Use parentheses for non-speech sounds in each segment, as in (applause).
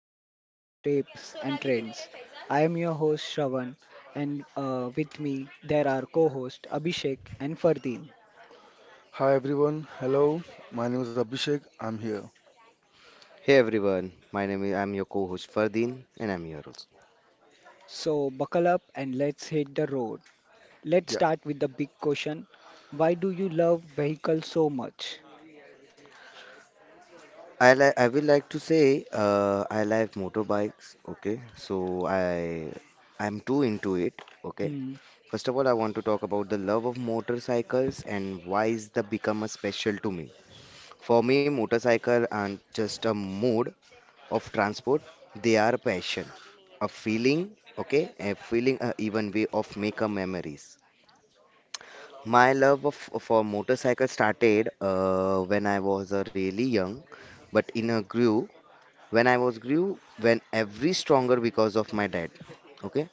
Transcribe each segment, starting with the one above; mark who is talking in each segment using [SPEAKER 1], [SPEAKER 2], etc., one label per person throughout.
[SPEAKER 1] stories, tips and trends. I am your host Shravan and with me there are co-host Abhishek and Fardeen.
[SPEAKER 2] Hi everyone, hello. My name is Abhishek. I'm here.
[SPEAKER 3] Hey everyone, my name is I'm your co-host Fardeen and I'm here also.
[SPEAKER 1] So buckle up and let's hit the road. Let's
[SPEAKER 2] Yeah,
[SPEAKER 1] start with the big question. Why do you love vehicles so much?
[SPEAKER 3] I will like to say I like motorbikes. Okay, so I I'm too into it. Okay,
[SPEAKER 1] Hmm.
[SPEAKER 3] first of all I want to talk about the love of motorcycles and why is the become a special to me. For me, motorcycle aren't just a mode of transport; they are a passion, a feeling. Okay, a feeling, a even way of make a memories. My love for motorcycle started when I was really young, but in a grew when I was grew when every stronger because of my dad. Okay,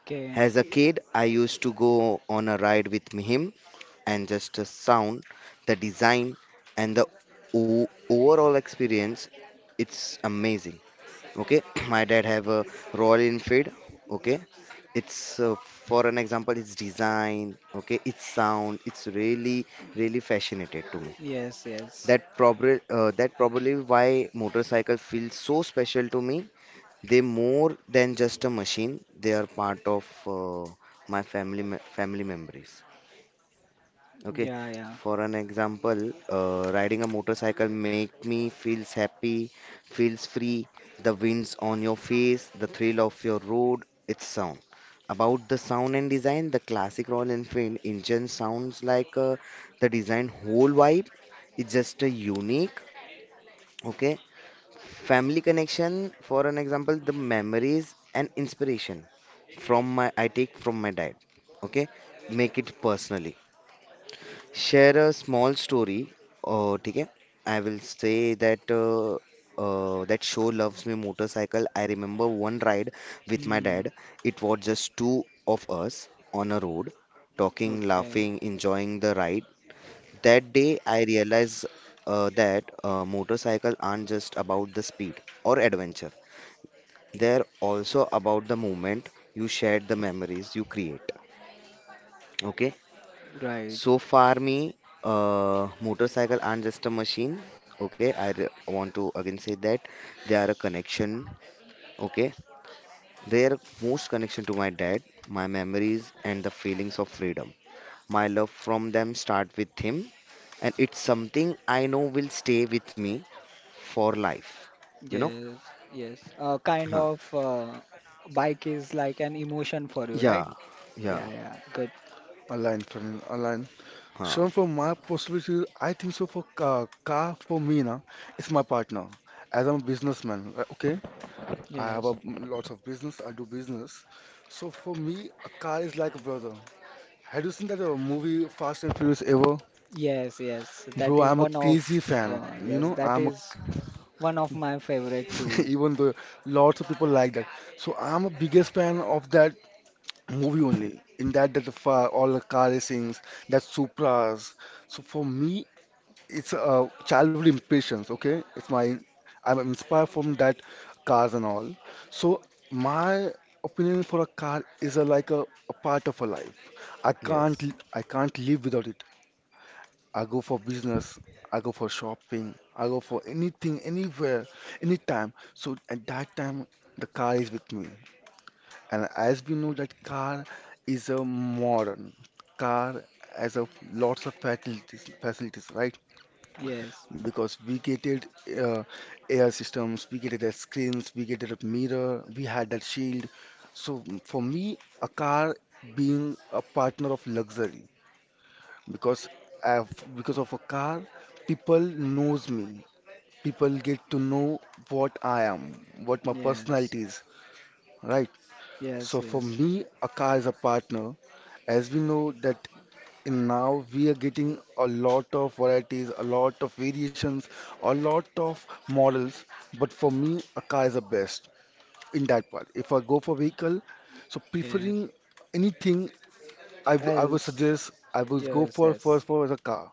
[SPEAKER 1] Okay.
[SPEAKER 3] as a kid, I used to go on a ride with him, and just the sound, the design, and the overall experience, it's amazing. Okay, (clears throat) my dad have a Royal Enfield. Okay, it's for an example its design. Okay, its sound, it's really really fascinated to me.
[SPEAKER 1] Yes, yes.
[SPEAKER 3] That probably why motorcycle feels so special to me. They more than just a machine, they are part of uh, my family family memories. Okay,
[SPEAKER 1] Yeah, yeah.
[SPEAKER 3] for an example, riding a motorcycle make me feels happy, feels free, the winds on your face, the thrill of your road, its sound. About the sound and design, the classic Royal Enfield engine sounds like the design whole vibe. It's just a unique. Okay, family connection, for an example, the memories and inspiration from my I take from my dad. Okay, make it personally share a small story. Okay, I will say that that show loves me motorcycle. I remember one ride with my
[SPEAKER 1] Hmm.
[SPEAKER 3] dad. It was just two of us on a road, talking,
[SPEAKER 1] Okay.
[SPEAKER 3] laughing, enjoying the ride. That day, I realized that motorcycle aren't just about the speed or adventure. They're also about the moment you share, the memories you create. Okay,
[SPEAKER 1] Right.
[SPEAKER 3] so far, me, motorcycle aren't just a machine. Okay, I want to again say that they are a connection. Okay, they are most connection to my dad, my memories, and the feelings of freedom. My love from them start with him, and it's something I know will stay with me for life. You know?
[SPEAKER 1] Yes, yes. Uh, kind
[SPEAKER 3] Huh.
[SPEAKER 1] of uh, bike is like an emotion for you, right?
[SPEAKER 3] Yeah. Yeah.
[SPEAKER 1] Yeah, yeah. Good.
[SPEAKER 2] online friend, online.
[SPEAKER 3] Huh.
[SPEAKER 2] Shown from my possibility, I think so. For car, car for me na, it's my partner. As I'm a businessman, okay. I have a
[SPEAKER 1] Yes.
[SPEAKER 2] lots of business. I do business. So for me, a car is like a brother. Have you seen that movie Fast and Furious ever?
[SPEAKER 1] Yes, yes. That
[SPEAKER 2] Bro,
[SPEAKER 1] is
[SPEAKER 2] I'm a
[SPEAKER 1] one of
[SPEAKER 2] crazy fan. You
[SPEAKER 1] yes,
[SPEAKER 2] know,
[SPEAKER 1] that
[SPEAKER 2] I'm a
[SPEAKER 1] is one of my favorite
[SPEAKER 2] (laughs)
[SPEAKER 1] too.
[SPEAKER 2] even though lots of people like that. So I'm a biggest fan of that movie only. In that, all the car racings, that Supras. So for me, it's a childhood impressions. Okay, it's my. I'm inspired from that cars and all. So my opinion for a car is like a part of a life.
[SPEAKER 3] Yes.
[SPEAKER 2] I can't live without it. I go for business. I go for shopping. I go for anything, anywhere, anytime. So at that time, the car is with me. And as we know that car is a modern car has a lots of facilities, right?
[SPEAKER 1] Yes.
[SPEAKER 2] Because we get it uh, air systems, we get it as screens, we get it a mirror, we had that shield. So for me, a car being a partner of luxury because I because of a car, people knows me. People get to know what I am, what my
[SPEAKER 1] Yes.
[SPEAKER 2] personality is, right? So
[SPEAKER 1] Yes,
[SPEAKER 2] for
[SPEAKER 1] yes.
[SPEAKER 2] me, a car is a partner, as we know that in now we are getting a lot of varieties, a lot of variations, a lot of models. But for me, a car is the best in that part. If I go for vehicle, so
[SPEAKER 1] Yes.
[SPEAKER 2] preferring anything, I would
[SPEAKER 1] Else,
[SPEAKER 2] suggest I would go
[SPEAKER 1] yes,
[SPEAKER 2] for first
[SPEAKER 1] yes,
[SPEAKER 2] for the car.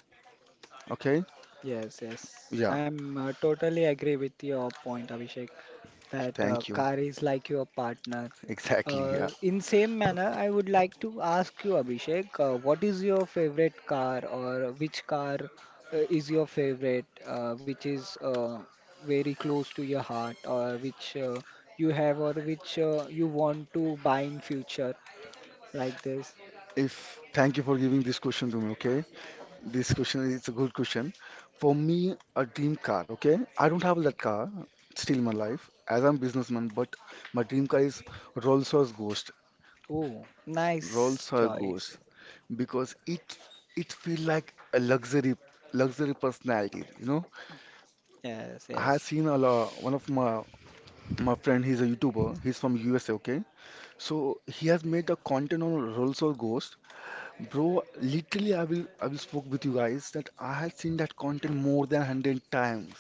[SPEAKER 2] Okay?
[SPEAKER 1] yes, yes.
[SPEAKER 2] Yeah.
[SPEAKER 1] I'm totally agree with your point, Abhishek, that
[SPEAKER 2] Thank you.
[SPEAKER 1] car
[SPEAKER 2] (laughs)
[SPEAKER 1] is like your partner.
[SPEAKER 2] Exactly. Yeah.
[SPEAKER 1] In same manner, I would like to ask you, Abhishek, what is your favorite car or which car is your favorite, which is very close to your heart or which you have or which you want to buy in future like this?
[SPEAKER 2] If thank you for giving this question to me. Okay. This question is a good question. For me, a dream car, okay? I don't have that car still in my life as I'm businessman, but my dream car is Rolls-Royce Ghost.
[SPEAKER 1] Oh, nice
[SPEAKER 2] Rolls-Royce
[SPEAKER 1] choice.
[SPEAKER 2] Ghost because it feel like a luxury personality, you know?
[SPEAKER 1] Yes,
[SPEAKER 2] I have
[SPEAKER 1] yes.
[SPEAKER 2] seen a lot, one of my friend, he's a YouTuber, he's from USA, okay? So he has made a content on Rolls-Royce Ghost. Bro, literally, I will spoke with you guys that I had seen that content more than 100 times,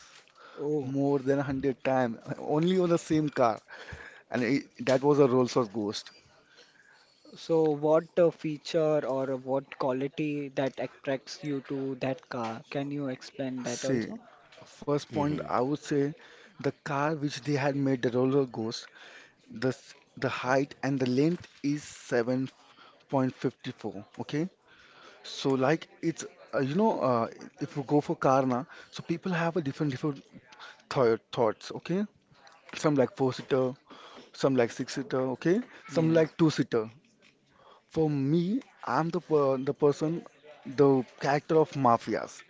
[SPEAKER 1] Oh.
[SPEAKER 2] more than hundred times, only on the same car, and it, that was a Rolls-Royce Ghost.
[SPEAKER 1] So, what feature or what quality that attracts you to that car? Can you explain that
[SPEAKER 2] See,
[SPEAKER 1] also?
[SPEAKER 2] first point
[SPEAKER 3] Mm-hmm.
[SPEAKER 2] I would say the car which they had made the Rolls-Royce Ghost, the height and the length is 7.54. Okay, so like it's you know. If you go for car na, so people have a different different thoughts. Okay. Some like four-seater, some like six seater, okay. Some
[SPEAKER 1] Yes.
[SPEAKER 2] like two seater. For me, I'm the per the person, the character of mafias.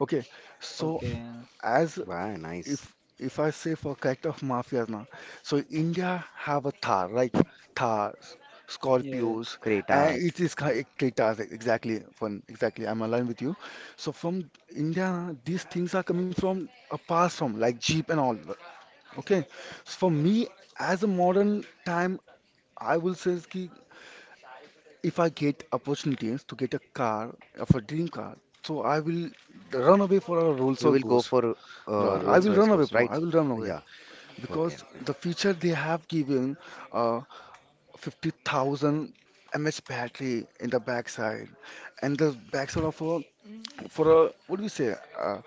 [SPEAKER 2] Okay, so
[SPEAKER 1] Okay.
[SPEAKER 2] as
[SPEAKER 3] Wow, nice.
[SPEAKER 2] if I say for character of mafias now, so India have a Thar, like Thars,
[SPEAKER 1] Yeah.
[SPEAKER 2] Scorpios, and
[SPEAKER 3] Cretas.
[SPEAKER 2] Cretas exactly. Fun, exactly. I'm aligned with you. So from India, these things are coming from a past from like Jeep and all. Okay, so, for me as a modern time I will say is ki if I get opportunities to get a car, of a dream car, so I will run away for a Rolls
[SPEAKER 3] You
[SPEAKER 2] or
[SPEAKER 3] will go
[SPEAKER 2] Ghost.
[SPEAKER 3] for
[SPEAKER 2] I
[SPEAKER 3] Rolls
[SPEAKER 1] Ro-
[SPEAKER 2] will
[SPEAKER 3] Royce
[SPEAKER 2] run away,
[SPEAKER 3] Ghost,
[SPEAKER 2] bro. I
[SPEAKER 3] right?
[SPEAKER 2] will run away
[SPEAKER 3] Yeah. Okay,
[SPEAKER 2] because
[SPEAKER 3] okay.
[SPEAKER 2] the feature they have given, uh, 50,000 mAh battery in the backside, and the backside of a
[SPEAKER 1] Mm,
[SPEAKER 2] for a what do we say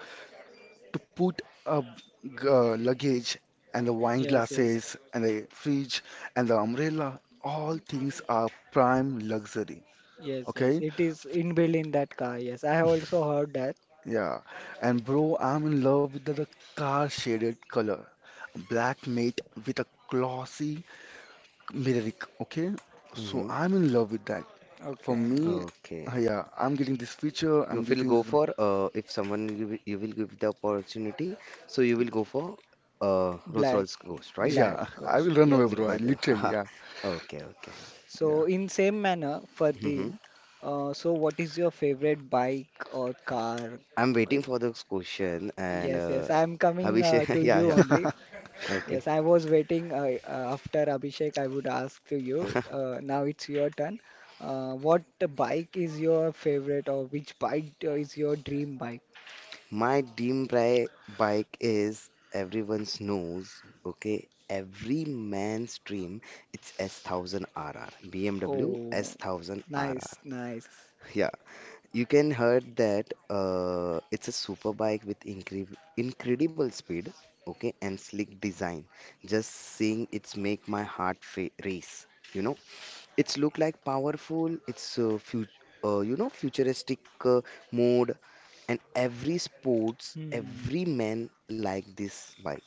[SPEAKER 2] to put a luggage and the wine
[SPEAKER 1] yes, yes,
[SPEAKER 2] glasses and the fridge and the umbrella. All things are prime luxury.
[SPEAKER 1] yes, yes.
[SPEAKER 2] Okay,
[SPEAKER 1] It is inbuilt in that car. Yes, I have also heard that.
[SPEAKER 2] yeah. And bro, I'm in love with the car shaded color. Black mate with a glossy metallic. Okay, so
[SPEAKER 3] Hmm.
[SPEAKER 2] I'm in love with that. For
[SPEAKER 1] Okay.
[SPEAKER 2] me,
[SPEAKER 3] Okay.
[SPEAKER 2] yeah, I'm getting this feature.
[SPEAKER 3] You
[SPEAKER 2] I'm
[SPEAKER 3] will
[SPEAKER 2] getting
[SPEAKER 3] go
[SPEAKER 2] this.
[SPEAKER 3] for if someone you, you will give the opportunity, so you will go for
[SPEAKER 1] Black,
[SPEAKER 3] Rolls-Royce Ghost, right?
[SPEAKER 1] black
[SPEAKER 2] Yeah, (laughs) I
[SPEAKER 1] ghost.
[SPEAKER 2] will run
[SPEAKER 1] Yes,
[SPEAKER 2] away,
[SPEAKER 3] Like
[SPEAKER 2] bro. I
[SPEAKER 3] by
[SPEAKER 1] yes.
[SPEAKER 3] the
[SPEAKER 2] literally,
[SPEAKER 3] (laughs)
[SPEAKER 2] yeah,
[SPEAKER 3] Okay, okay.
[SPEAKER 2] yeah.
[SPEAKER 1] So, in same manner,
[SPEAKER 3] Hmm.
[SPEAKER 1] Fardeen, so what is your favorite bike or car?
[SPEAKER 3] I'm
[SPEAKER 1] Uh,
[SPEAKER 3] waiting for this question, and
[SPEAKER 1] Yes, yes. I am coming to
[SPEAKER 3] Abhishek, (laughs) yeah,
[SPEAKER 1] you
[SPEAKER 3] yeah.
[SPEAKER 1] only.
[SPEAKER 3] Okay.
[SPEAKER 1] Yes, I was waiting after Abhishek, I would ask to you.
[SPEAKER 3] (laughs)
[SPEAKER 1] Now it's your turn. What bike is your favorite, or which bike is your dream bike?
[SPEAKER 3] My dream bri bike is everyone's knows, okay? Every man's dream. It's S1000RR, BMW
[SPEAKER 1] Oh, nice,
[SPEAKER 3] S1000RR.
[SPEAKER 1] nice.
[SPEAKER 3] You can heard that it's a super bike with incredible speed, okay, and sleek design. Just seeing it's make my heart fa race. You know, it's look like powerful. It's fu you know futuristic mode, and every sports,
[SPEAKER 1] Hmm.
[SPEAKER 3] every man like this bike.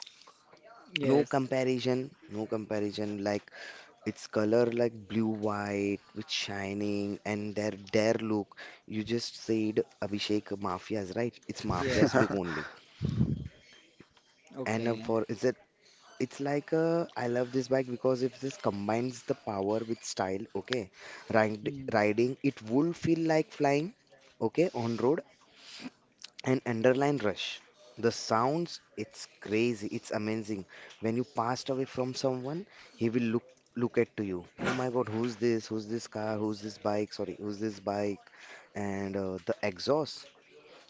[SPEAKER 3] No
[SPEAKER 1] Yes,
[SPEAKER 3] comparison, no comparison. Like its color like blue white with shining and their look, you just said Abhishek mafias, right? It's mafias
[SPEAKER 1] yes.
[SPEAKER 3] look
[SPEAKER 2] (laughs)
[SPEAKER 3] only. And
[SPEAKER 1] Okay.
[SPEAKER 3] for is it it's like I love this bike because if this combines the power with style, okay.
[SPEAKER 1] Hmm.
[SPEAKER 3] Riding, it would feel like flying, okay, on road, an underline rush. The sounds, it's crazy, it's amazing. When you passed away from someone, he will look at to you. Oh my God, who's this? Who's this car? Who's this bike? Sorry, who's this bike? And the exhaust,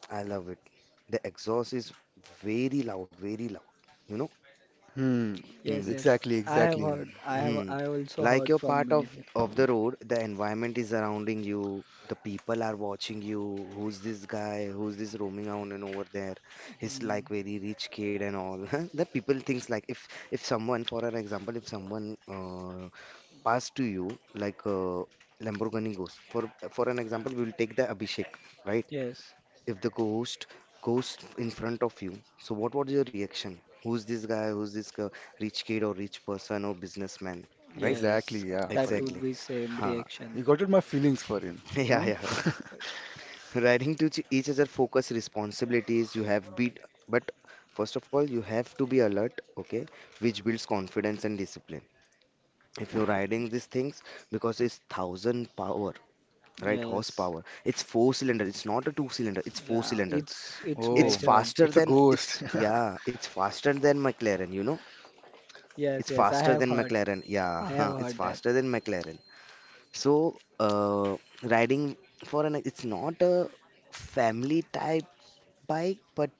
[SPEAKER 3] I love it. The exhaust is very loud, very loud. You know.
[SPEAKER 2] Hmm.
[SPEAKER 3] Hmm.
[SPEAKER 1] Yes, yes.
[SPEAKER 2] Exactly,
[SPEAKER 1] I have
[SPEAKER 2] exactly,
[SPEAKER 1] heard. I have.
[SPEAKER 3] Hmm.
[SPEAKER 1] I also
[SPEAKER 3] Like
[SPEAKER 1] heard
[SPEAKER 3] you're
[SPEAKER 1] from
[SPEAKER 3] part of
[SPEAKER 1] many people.
[SPEAKER 3] of the road, the environment is surrounding you, the people are watching you. Who's this guy? Who's this roaming around and over there? He's
[SPEAKER 1] Hmm.
[SPEAKER 3] like very rich kid and all. (laughs) The people thinks like if someone, for an example, if someone passed to you like Lamborghini goes. For an example, we will take the Abhishek, right?
[SPEAKER 1] Yes,
[SPEAKER 3] If the ghost goes in front of you, so what was your reaction? Who's this guy? Who's this rich kid or rich person or businessman? Right?
[SPEAKER 2] exactly.
[SPEAKER 1] yes.
[SPEAKER 2] Yeah,
[SPEAKER 1] That
[SPEAKER 2] Farin.
[SPEAKER 1] would
[SPEAKER 3] Exactly.
[SPEAKER 1] be same
[SPEAKER 3] Huh. (laughs)
[SPEAKER 1] reaction.
[SPEAKER 2] You got at my feelings, Farin. You
[SPEAKER 3] Yeah,
[SPEAKER 2] know?
[SPEAKER 3] yeah,
[SPEAKER 2] (laughs)
[SPEAKER 3] yeah. Riding to each other focus responsibilities you have beat, but first of all, you have to be alert, okay? Which builds confidence and discipline. If you're riding these things, because it's thousand power, right?
[SPEAKER 1] Yes.
[SPEAKER 3] Horsepower. It's four cylinder. It's not a two cylinder. It's four
[SPEAKER 1] Yeah.
[SPEAKER 3] cylinder.
[SPEAKER 1] It's
[SPEAKER 3] It's
[SPEAKER 2] Oh,
[SPEAKER 1] major.
[SPEAKER 3] faster
[SPEAKER 2] it's a
[SPEAKER 3] than
[SPEAKER 2] ghost.
[SPEAKER 3] it's yeah, it's faster than McLaren. It's
[SPEAKER 1] Yes, yes, I
[SPEAKER 3] faster
[SPEAKER 1] have
[SPEAKER 3] than
[SPEAKER 1] heard.
[SPEAKER 3] McLaren. Yeah, (laughs)
[SPEAKER 1] I have
[SPEAKER 3] it's
[SPEAKER 1] heard that.
[SPEAKER 3] faster than McLaren. So, riding for an it's not a family type bike, but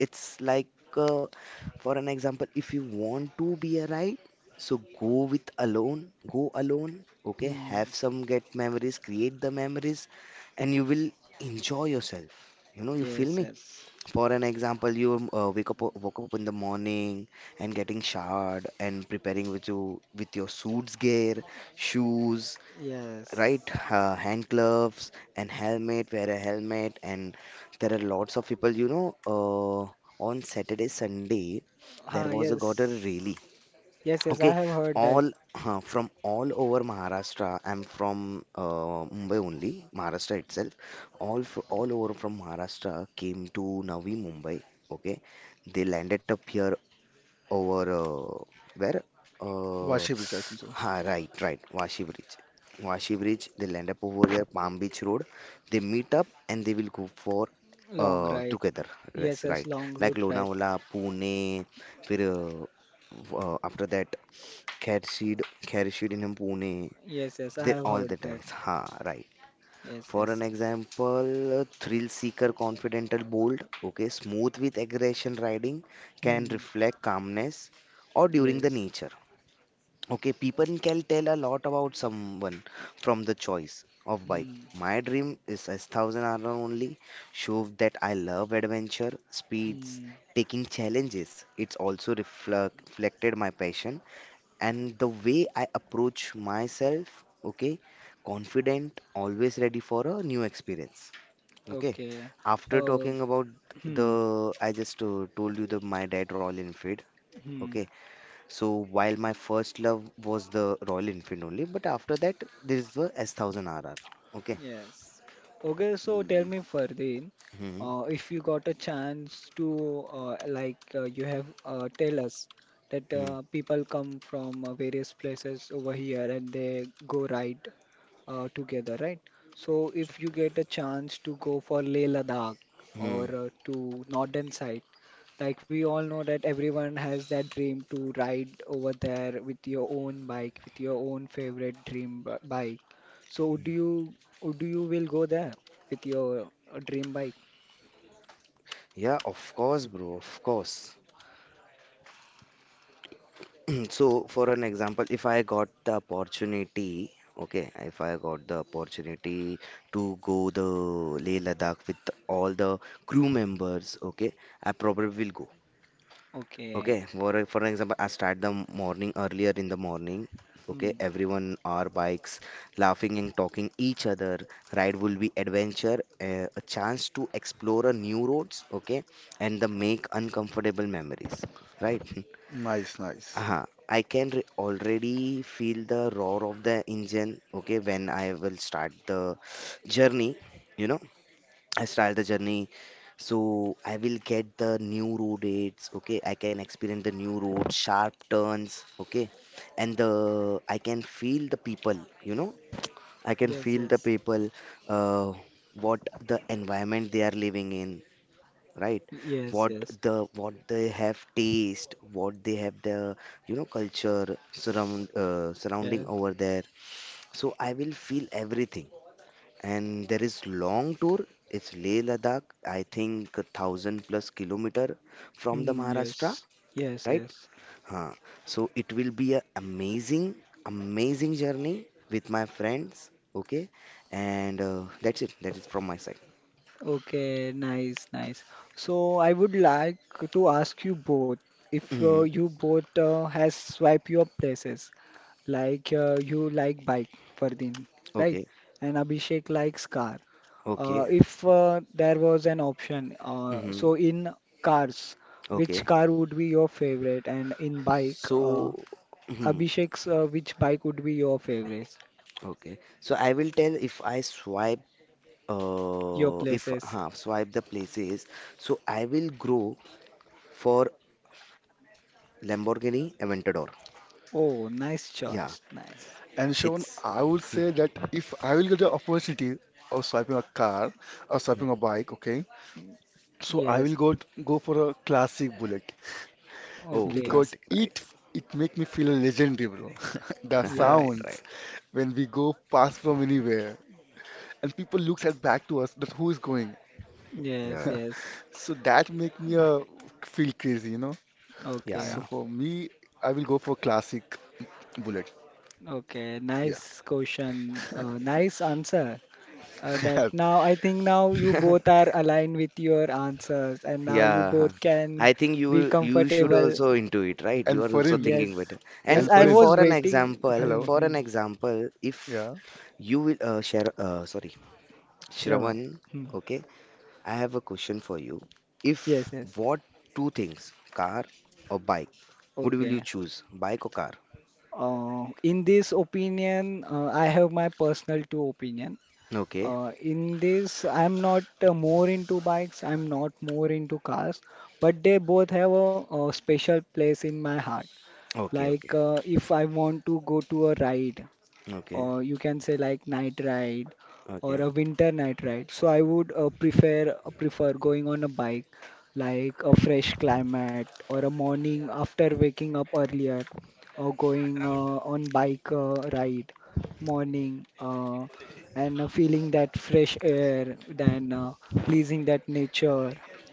[SPEAKER 3] it's like uh, for an example, if you want to be a ride, so go with alone, go alone, okay, have
[SPEAKER 1] Hmm.
[SPEAKER 3] some get memories, create the memories, and you will enjoy yourself. You know, you feel
[SPEAKER 1] Yes,
[SPEAKER 3] me?
[SPEAKER 1] yes,
[SPEAKER 3] For an example, you wake up woke up in the morning and getting showered and preparing with your suits gear, shoes, right,
[SPEAKER 1] yes.
[SPEAKER 3] hand gloves and helmet. Wear a helmet, and there are lots of people. You know, on Saturday, Sunday, there
[SPEAKER 1] Ah,
[SPEAKER 3] was a got a rally.
[SPEAKER 1] yes, yes, yes. I
[SPEAKER 3] Okay,
[SPEAKER 1] have heard that
[SPEAKER 3] all from all over Maharashtra. I'm from Mumbai only, Maharashtra itself. All over from Maharashtra came to Navi Mumbai. Okay, they landed up here over where?
[SPEAKER 2] (laughs)
[SPEAKER 3] Uh,
[SPEAKER 2] Worship it, I think so.
[SPEAKER 3] right, right, Vashi Bridge. Vashi Bridge. They land up over here, Palm Beach Road. They meet up and they will go for
[SPEAKER 1] long ride.
[SPEAKER 3] together.
[SPEAKER 1] Yes,
[SPEAKER 3] Yes,
[SPEAKER 1] yes,
[SPEAKER 3] right.
[SPEAKER 1] long
[SPEAKER 3] Like
[SPEAKER 1] route ride.
[SPEAKER 3] Lonavala, Pune. फिर after that Kharshid, in Pune.
[SPEAKER 1] Yes, yes, I
[SPEAKER 3] They
[SPEAKER 1] have
[SPEAKER 3] all
[SPEAKER 1] heard
[SPEAKER 3] the
[SPEAKER 1] that.
[SPEAKER 3] times. Ha, right.
[SPEAKER 1] Yes,
[SPEAKER 3] For an
[SPEAKER 1] yes.
[SPEAKER 3] example, a thrill seeker, confidential, bold, okay, smooth with aggression riding, can
[SPEAKER 1] Hmm.
[SPEAKER 3] reflect calmness or during the
[SPEAKER 1] Yes.
[SPEAKER 3] nature. Okay, people can tell a lot about someone from the choice of bike.
[SPEAKER 1] Hmm.
[SPEAKER 3] My dream is a thousand hour only. Show that I love adventure, speeds,
[SPEAKER 1] Hmm.
[SPEAKER 3] taking challenges. It's also reflected my passion and the way I approach myself, okay, confident, always ready for a new experience. Okay,
[SPEAKER 1] Okay.
[SPEAKER 3] after
[SPEAKER 1] Uh.
[SPEAKER 3] talking about
[SPEAKER 1] Hmm.
[SPEAKER 3] I just told you the my dad Royal Enfield.
[SPEAKER 1] Hmm.
[SPEAKER 3] Okay, so while my first love was the Royal Enfield only, but after that there is the S thousand RR. Okay.
[SPEAKER 1] Yes. Okay, so
[SPEAKER 2] Hmm,
[SPEAKER 1] tell
[SPEAKER 2] hmm.
[SPEAKER 1] me Fardeen,
[SPEAKER 3] Hmm.
[SPEAKER 1] if you got a chance to you have tell us that
[SPEAKER 3] Hmm.
[SPEAKER 1] people come from various places over here and they go ride together, right? So if you get a chance to go for Leh Ladakh
[SPEAKER 3] Hmm.
[SPEAKER 1] or to northern side, like we all know that everyone has that dream to ride over there with your own bike, with your own favorite dream bike. So do you oh, do you will go there with your dream bike?
[SPEAKER 3] Yeah, of course, bro. Of course. (clears throat) So, for an example, if I got the opportunity, okay, if I got the opportunity to go the Leh Ladakh with all the crew members, okay, I probably will go.
[SPEAKER 1] Okay.
[SPEAKER 3] Okay, for an example, I start the morning earlier in the morning. Okay,
[SPEAKER 1] Hmm.
[SPEAKER 3] everyone our bikes, laughing and talking each other. Ride will be adventure, a chance to explore a new roads, okay, and the make uncomfortable memories, right? (laughs)
[SPEAKER 2] Nice,
[SPEAKER 3] uh
[SPEAKER 2] nice.
[SPEAKER 3] huh. I can re already feel the roar of the engine, okay, when I will start the journey, you know, I start the journey. So I will get the new road aids, okay, I can experience the new road, sharp turns, okay, and the I can feel the people, you know, I can
[SPEAKER 1] Yes,
[SPEAKER 3] feel the
[SPEAKER 1] yes,
[SPEAKER 3] people, uh, what the environment they are living in, right?
[SPEAKER 1] yes,
[SPEAKER 3] what
[SPEAKER 1] yes.
[SPEAKER 3] what they have taste, what they have the culture, surrounding
[SPEAKER 1] yes.
[SPEAKER 3] over there. So I will feel everything, and there is long tour. It's Leh Ladakh. I think a thousand plus kilometer from the
[SPEAKER 1] Mm,
[SPEAKER 3] Maharashtra,
[SPEAKER 1] yes, yes,
[SPEAKER 3] right?
[SPEAKER 1] yes.
[SPEAKER 3] Huh. So it will be a amazing journey with my friends, okay, and that's it, that is from my side.
[SPEAKER 1] Okay, nice, nice. So I would like to ask you both if
[SPEAKER 3] Hmm.
[SPEAKER 1] you both has swipe your places like you like bike Fardeen, right?
[SPEAKER 3] Okay.
[SPEAKER 1] And Abhishek likes car. Uh,
[SPEAKER 3] Okay.
[SPEAKER 1] if uh, there was an option,
[SPEAKER 3] Hmm.
[SPEAKER 1] so in cars, which
[SPEAKER 3] Okay.
[SPEAKER 1] car would be your favorite? And in bike,
[SPEAKER 3] So, hmm,
[SPEAKER 1] Abhishek's, which bike would be your favorite?
[SPEAKER 3] okay. So I will tell if I swipe,
[SPEAKER 1] Your
[SPEAKER 3] if
[SPEAKER 1] places.
[SPEAKER 3] huh, swipe the places. So I will grow for Lamborghini Aventador.
[SPEAKER 1] Oh, nice
[SPEAKER 3] Yeah,
[SPEAKER 1] choice. Nice.
[SPEAKER 2] And Sean,
[SPEAKER 3] it's
[SPEAKER 2] I would say
[SPEAKER 3] (laughs)
[SPEAKER 2] that if I will get the opportunity of swiping a car or swiping a bike, okay, so I will
[SPEAKER 1] Yes.
[SPEAKER 2] go go for a classic bullet
[SPEAKER 3] oh
[SPEAKER 2] because
[SPEAKER 1] Okay.
[SPEAKER 3] classic, right?
[SPEAKER 2] it make me feel a legendary, bro. (laughs) The
[SPEAKER 3] (laughs) Right,
[SPEAKER 1] Yes.
[SPEAKER 3] right.
[SPEAKER 2] sounds when we go past from anywhere and people looks at back to us that who is going.
[SPEAKER 1] Yes.
[SPEAKER 3] Yeah,
[SPEAKER 2] (laughs)
[SPEAKER 1] Yes.
[SPEAKER 2] So that make me feel crazy, you know. So
[SPEAKER 3] yeah,
[SPEAKER 1] Okay.
[SPEAKER 2] for me, I will go for classic bullet.
[SPEAKER 1] Okay.
[SPEAKER 2] Yeah.
[SPEAKER 1] Nice question. Nice answer. That now I think now you
[SPEAKER 3] yeah. (laughs)
[SPEAKER 1] both are aligned with your answers, and now you
[SPEAKER 3] Yeah,
[SPEAKER 1] both can
[SPEAKER 3] I think
[SPEAKER 1] be
[SPEAKER 3] you should
[SPEAKER 1] comfortable.
[SPEAKER 3] also into it,
[SPEAKER 2] (laughs)
[SPEAKER 3] right?
[SPEAKER 2] And
[SPEAKER 3] You are also
[SPEAKER 2] foreign
[SPEAKER 3] thinking better.
[SPEAKER 1] Yes,
[SPEAKER 3] And
[SPEAKER 1] yes,
[SPEAKER 2] and
[SPEAKER 1] I
[SPEAKER 3] if
[SPEAKER 2] foreign.
[SPEAKER 1] was waiting. Hmm,
[SPEAKER 2] Hello.
[SPEAKER 3] for an
[SPEAKER 1] hmm.
[SPEAKER 3] example, if
[SPEAKER 2] Yeah,
[SPEAKER 3] you will share, sorry,
[SPEAKER 1] Shravan.
[SPEAKER 3] Shravan,
[SPEAKER 1] Hmm.
[SPEAKER 3] okay, I have a question for you. If
[SPEAKER 1] Yes, yes.
[SPEAKER 3] what two things, car or bike, what will you
[SPEAKER 1] Okay.
[SPEAKER 3] choose? Bike or car?
[SPEAKER 1] In this opinion, I have my personal two opinion.
[SPEAKER 3] Okay,
[SPEAKER 1] In this, I'm not more into bikes. I'm not more into cars, but they both have a special place in my heart.
[SPEAKER 3] okay, okay,
[SPEAKER 1] Like if I want to go to a ride,
[SPEAKER 3] okay,
[SPEAKER 1] or you can say like night ride or
[SPEAKER 3] okay.
[SPEAKER 1] a
[SPEAKER 3] (laughs)
[SPEAKER 1] winter night ride. So I would prefer going on a bike, like a fresh climate or a morning after waking up earlier, or going on bike ride morning and feeling that fresh air, then pleasing that nature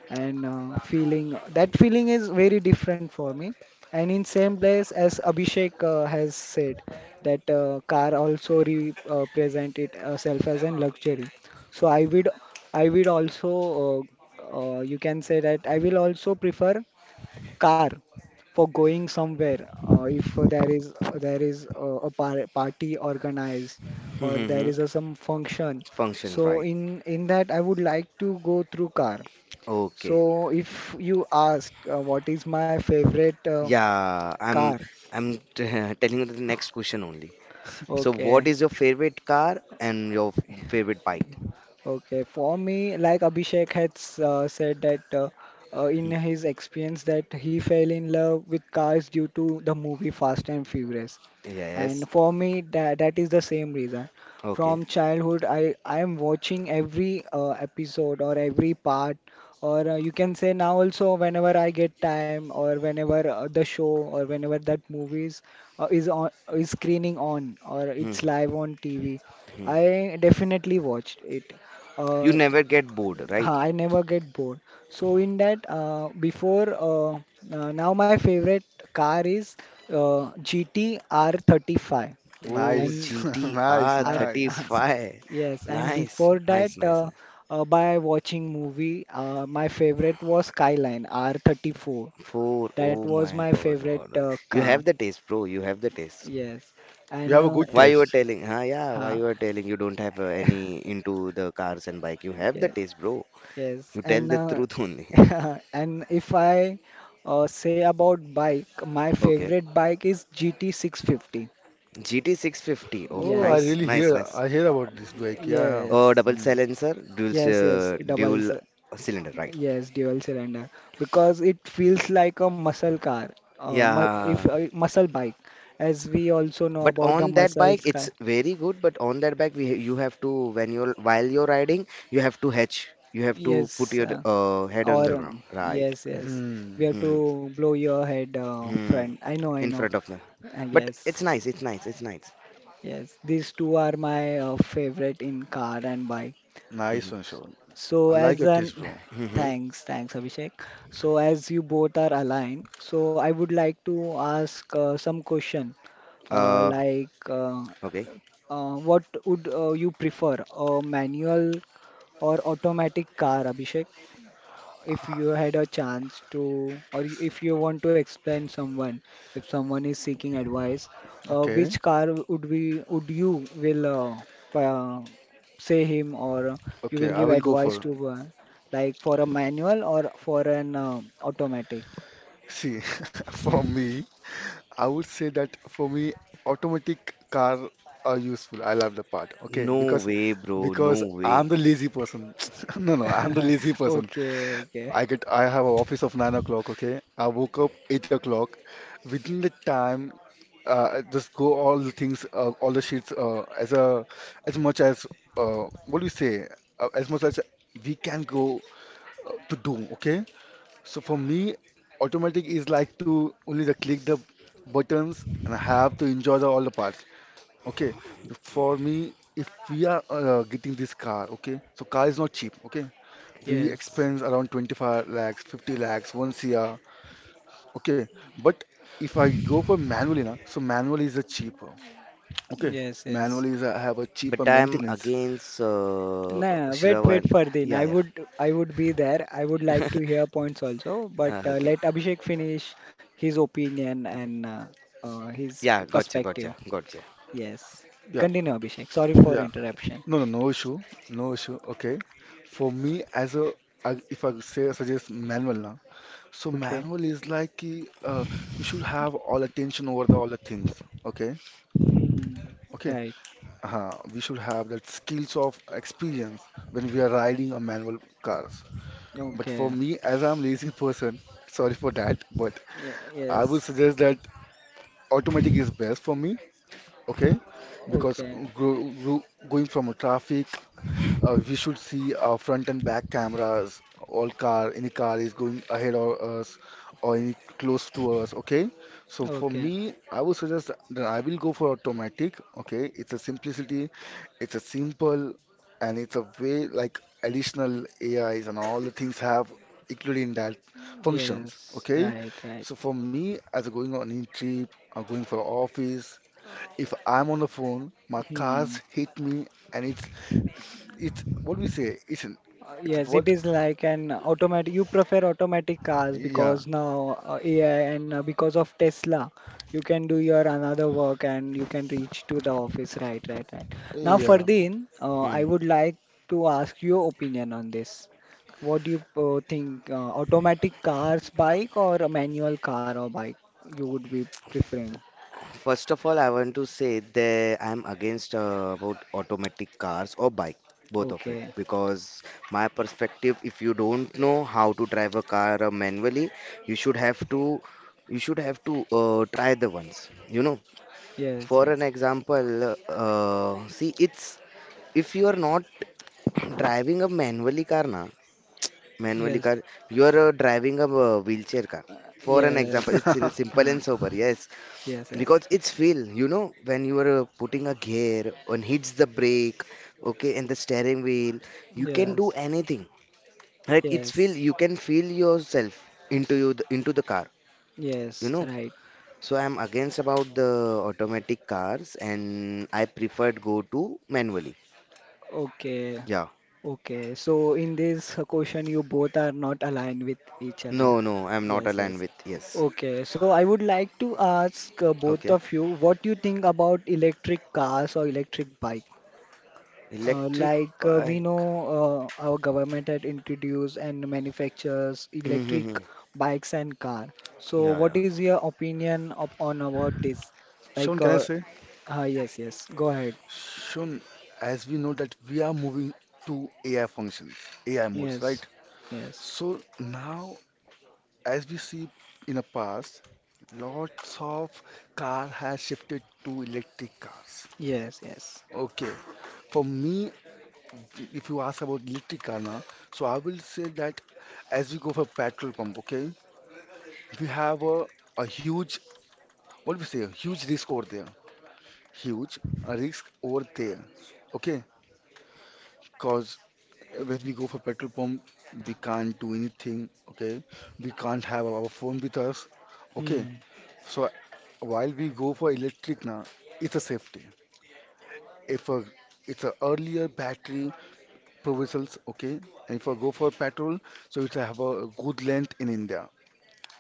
[SPEAKER 1] and feeling that feeling is very different for me. And in same place as Abhishek has said that car also represent it itself as a luxury. So I would also you can say that I will also prefer car for going somewhere if there is a party organized or there
[SPEAKER 3] Mm-hmm.
[SPEAKER 1] is some function.
[SPEAKER 3] Function,
[SPEAKER 1] So
[SPEAKER 3] right?
[SPEAKER 1] in that I would like to go through car.
[SPEAKER 3] Okay.
[SPEAKER 1] So if you ask what is my favorite
[SPEAKER 3] Yeah, I'm
[SPEAKER 1] car?
[SPEAKER 3] I'm t (laughs) telling you the next question only. So, what
[SPEAKER 1] Okay.
[SPEAKER 3] is your favorite car and your favorite bike?
[SPEAKER 1] Okay, for me, like Abhishek has said that in
[SPEAKER 3] Hmm.
[SPEAKER 1] his experience that he fell in love with cars due to the movie Fast and Furious.
[SPEAKER 3] Yes.
[SPEAKER 1] And for me, that is the same reason.
[SPEAKER 3] Okay.
[SPEAKER 1] From childhood, I am watching every episode or every part, or you can say now also whenever I get time, or whenever the show or whenever that movies is on is screening on or
[SPEAKER 3] Hmm,
[SPEAKER 1] it's
[SPEAKER 3] hmm.
[SPEAKER 1] live on TV,
[SPEAKER 3] Hmm.
[SPEAKER 1] I definitely watched it.
[SPEAKER 3] You
[SPEAKER 1] Uh,
[SPEAKER 3] never get bored, right?
[SPEAKER 1] I never get bored. So in that, before now my favorite car is GT R35
[SPEAKER 3] Oh,
[SPEAKER 1] and
[SPEAKER 2] nice, (laughs) nice,
[SPEAKER 3] GTR
[SPEAKER 1] R
[SPEAKER 2] nice.
[SPEAKER 1] (laughs)
[SPEAKER 3] 35.
[SPEAKER 1] yes. And
[SPEAKER 3] Nice,
[SPEAKER 1] before that,
[SPEAKER 3] nice, nice. Nice.
[SPEAKER 1] by watching movie, my favorite was Skyline R34.
[SPEAKER 3] Four.
[SPEAKER 1] That
[SPEAKER 3] Oh
[SPEAKER 1] was
[SPEAKER 3] my
[SPEAKER 1] my
[SPEAKER 3] God,
[SPEAKER 1] favorite
[SPEAKER 3] God. You
[SPEAKER 1] car.
[SPEAKER 3] have the taste, bro. You have the taste.
[SPEAKER 1] Yes,
[SPEAKER 2] You
[SPEAKER 1] and
[SPEAKER 2] have a good
[SPEAKER 3] Why you were
[SPEAKER 2] taste.
[SPEAKER 3] telling? Huh? Yeah. Why
[SPEAKER 1] (laughs) huh,
[SPEAKER 3] you were telling? You don't have any into the cars and bike. You have the taste, bro.
[SPEAKER 1] yes,
[SPEAKER 3] You tell
[SPEAKER 1] and
[SPEAKER 3] the truth only. (laughs)
[SPEAKER 1] (laughs) and if I say about bike, my
[SPEAKER 3] Okay.
[SPEAKER 1] favorite bike is GT 650.
[SPEAKER 3] GT 650. Oh,
[SPEAKER 2] Oh, I
[SPEAKER 3] nice,
[SPEAKER 1] Yes,
[SPEAKER 2] really
[SPEAKER 3] nice,
[SPEAKER 2] hear,
[SPEAKER 3] nice.
[SPEAKER 2] I hear about
[SPEAKER 1] um,
[SPEAKER 2] this bike. Yeah.
[SPEAKER 3] Oh,
[SPEAKER 1] yes,
[SPEAKER 3] double
[SPEAKER 2] Hmm.
[SPEAKER 3] silencer,
[SPEAKER 1] yes, yes,
[SPEAKER 3] dual cylinder, right?
[SPEAKER 1] yes, dual cylinder because it feels like a muscle car, mu if
[SPEAKER 3] Yeah.
[SPEAKER 1] muscle bike, as we also know
[SPEAKER 3] But
[SPEAKER 1] about the
[SPEAKER 3] on that bike,
[SPEAKER 1] muscles
[SPEAKER 3] it's
[SPEAKER 1] car.
[SPEAKER 3] very good. But on that bike, we you have to when you're while you're riding, you have to hedge. You have to put
[SPEAKER 1] Yes,
[SPEAKER 3] your head on
[SPEAKER 1] or
[SPEAKER 3] the ground, right?
[SPEAKER 1] yes, yes, we
[SPEAKER 2] Hmm.
[SPEAKER 1] have
[SPEAKER 3] Mm-hmm.
[SPEAKER 1] to blow your head
[SPEAKER 3] Hmm.
[SPEAKER 1] front. I know, I
[SPEAKER 3] In
[SPEAKER 1] know.
[SPEAKER 3] front of them. But
[SPEAKER 1] Yes.
[SPEAKER 3] it's nice.
[SPEAKER 1] Yes, these two are my favorite in car and bike.
[SPEAKER 3] (laughs)
[SPEAKER 2] Nice
[SPEAKER 3] Mhm.
[SPEAKER 2] one, Sean.
[SPEAKER 1] So
[SPEAKER 2] I like
[SPEAKER 1] as
[SPEAKER 2] your
[SPEAKER 1] an
[SPEAKER 2] taste, bro.
[SPEAKER 1] (laughs)
[SPEAKER 3] Mm-hmm.
[SPEAKER 1] thanks, thanks Abhishek. So as you both are aligned, so I would like to ask some question uh,
[SPEAKER 3] Uh,
[SPEAKER 1] like uh,
[SPEAKER 3] okay.
[SPEAKER 1] what would you prefer, a manual or automatic car, Abhishek? If you had a chance to, or if you want to explain someone, if someone is seeking advice,
[SPEAKER 2] Okay.
[SPEAKER 1] which car would be would you will p- uh, say him or you
[SPEAKER 2] Okay,
[SPEAKER 1] will
[SPEAKER 2] I
[SPEAKER 1] give
[SPEAKER 2] will go
[SPEAKER 1] advice
[SPEAKER 2] for.
[SPEAKER 1] to, like for a manual or for an automatic?
[SPEAKER 2] See, (laughs) for me, I would say that for me, automatic car are useful. I love the part. Okay,
[SPEAKER 3] No way, bro. No
[SPEAKER 2] because I'm
[SPEAKER 3] way.
[SPEAKER 2] the lazy person. (laughs) No, no, I'm the lazy
[SPEAKER 1] (laughs)
[SPEAKER 2] person.
[SPEAKER 1] Okay, okay,
[SPEAKER 2] I have an office of 9 o'clock, okay? I woke up 8 o'clock. Within the time, just go all the things, all the sheets, as a as much as what do you say? As much as we can go to do, okay? So for me, automatic is like to only the click the buttons and have to enjoy the, all the parts, okay? For me, if we are getting this car, okay? So car is not cheap, okay? We
[SPEAKER 1] yes,
[SPEAKER 2] expense around 25 lakhs, 50 lakhs once a year. Okay, but if I go for manually now, so manual is a cheaper. Okay,
[SPEAKER 1] yes,
[SPEAKER 2] manual
[SPEAKER 1] yes.
[SPEAKER 2] is a, have a cheaper
[SPEAKER 3] But I'm
[SPEAKER 2] maintenance.
[SPEAKER 3] against
[SPEAKER 1] Nah, wait, wait,
[SPEAKER 3] Shravan.
[SPEAKER 1] Fardeen.
[SPEAKER 3] Yeah, yeah.
[SPEAKER 1] I would be there. I would like to hear points also, but
[SPEAKER 3] Okay.
[SPEAKER 1] let Abhishek finish his opinion and
[SPEAKER 3] Yeah,
[SPEAKER 1] perspective.
[SPEAKER 3] gotcha.
[SPEAKER 1] Yes,
[SPEAKER 2] Yeah,
[SPEAKER 1] continue, Abhishek. Sorry for
[SPEAKER 2] yeah.
[SPEAKER 1] interruption.
[SPEAKER 2] No, no, no issue, no issue. Okay, for me as a if I say suggest manual now, so
[SPEAKER 1] Okay.
[SPEAKER 2] manual is like कि, we should have all attention over the all the things. Okay,
[SPEAKER 1] Hmm.
[SPEAKER 2] okay.
[SPEAKER 1] Right.
[SPEAKER 2] We should have that skills of experience when we are riding a manual car. But for
[SPEAKER 1] Okay.
[SPEAKER 2] me, as I'm lazy (laughs) person, sorry for that, but I would
[SPEAKER 1] Yes.
[SPEAKER 2] suggest that automatic is best for me, okay? Because
[SPEAKER 1] Okay.
[SPEAKER 2] gro gro going from a traffic we should see front and back cameras. All car, any car is going ahead of us or any close to us. Okay. So for
[SPEAKER 1] Okay.
[SPEAKER 2] me, I would suggest that I will go for automatic. Okay. It's a simplicity. It's a simple, and it's a way like additional AIs and all the things have included in that functions.
[SPEAKER 1] Yes.
[SPEAKER 2] Okay.
[SPEAKER 1] Right. Right.
[SPEAKER 2] So for me, as going on in trip, or going for office, if I'm on the phone, my
[SPEAKER 1] Hmm.
[SPEAKER 2] cars hit me and it's what we say, isn't it's
[SPEAKER 1] Yes, it
[SPEAKER 2] what
[SPEAKER 1] is like an automatic. You prefer automatic cars
[SPEAKER 2] Yeah.
[SPEAKER 1] because now AI and because of Tesla, you can do your another work and you can reach to the office. Right, right, right. Now,
[SPEAKER 2] Yeah.
[SPEAKER 1] Fardeen, I
[SPEAKER 3] Hmm.
[SPEAKER 1] would like to ask your opinion on this. What do you think? Automatic cars, bike, or a manual car or bike? You would be preferring.
[SPEAKER 3] First of all, I want to say that I'm against about automatic cars or bike, both of it,
[SPEAKER 1] Okay.
[SPEAKER 3] because my perspective, if you don't know how to drive a car manually, you should have to you should have to try the ones. You know,
[SPEAKER 1] Yes.
[SPEAKER 3] for an
[SPEAKER 1] Yes.
[SPEAKER 3] example, see, it's if you are not (clears throat) driving a manually car, na manually
[SPEAKER 1] Yes.
[SPEAKER 3] car, you are driving a wheelchair car. For an example,
[SPEAKER 1] Yes.
[SPEAKER 3] it's in
[SPEAKER 2] (laughs)
[SPEAKER 3] simple
[SPEAKER 1] Hmm.
[SPEAKER 3] and sober. Yes,
[SPEAKER 1] Yes. Yes.
[SPEAKER 3] because it's feel, you know, when you are putting a gear and hits the brake, okay, and the steering wheel, you can do
[SPEAKER 1] Yes.
[SPEAKER 3] anything, right? It's feel,
[SPEAKER 1] Yes.
[SPEAKER 3] you can feel yourself into the car, you
[SPEAKER 1] Yes,
[SPEAKER 3] know.
[SPEAKER 1] right.
[SPEAKER 3] So I'm against about the automatic cars, and I preferred go to manually.
[SPEAKER 1] Okay.
[SPEAKER 3] Yeah.
[SPEAKER 1] Okay. So in this question, you both are not aligned with each other.
[SPEAKER 3] No, no, I'm not
[SPEAKER 1] Yes,
[SPEAKER 3] aligned
[SPEAKER 1] yes.
[SPEAKER 3] with. Yes.
[SPEAKER 1] Okay. So I would like to ask both
[SPEAKER 3] Okay.
[SPEAKER 1] of you what you think about electric cars or electric bike. Uh,
[SPEAKER 3] Electric
[SPEAKER 1] like uh, we know,
[SPEAKER 3] bike.
[SPEAKER 1] our government had introduced and manufactures electric
[SPEAKER 3] Mm-hmm.
[SPEAKER 1] bikes and car. So
[SPEAKER 3] Yeah,
[SPEAKER 1] what
[SPEAKER 3] yeah.
[SPEAKER 1] is your opinion op on about this?
[SPEAKER 2] Sean,
[SPEAKER 1] Like,
[SPEAKER 2] can I
[SPEAKER 1] uh,
[SPEAKER 2] say?
[SPEAKER 1] yes, yes. Go ahead.
[SPEAKER 2] Sean, as we know that we are moving to AI functions, AI modes, right?
[SPEAKER 1] Yes, yes.
[SPEAKER 2] So now, as we see in the past, lots of car has shifted to electric cars.
[SPEAKER 1] Yes, yes.
[SPEAKER 2] Okay, for me, if you ask about electric car now, so I will say that as we go for petrol pump, okay, we have a huge, what do we say, a huge risk over there. Huge risk over there. Okay, because when we go for petrol pump, we can't do anything. Okay, we can't have our phone with us. Okay,
[SPEAKER 1] Hmm.
[SPEAKER 2] so while we go for electric now, it's a safety. If a it's a earlier battery provisions, okay, and if I go for petrol, so it have a good length in India,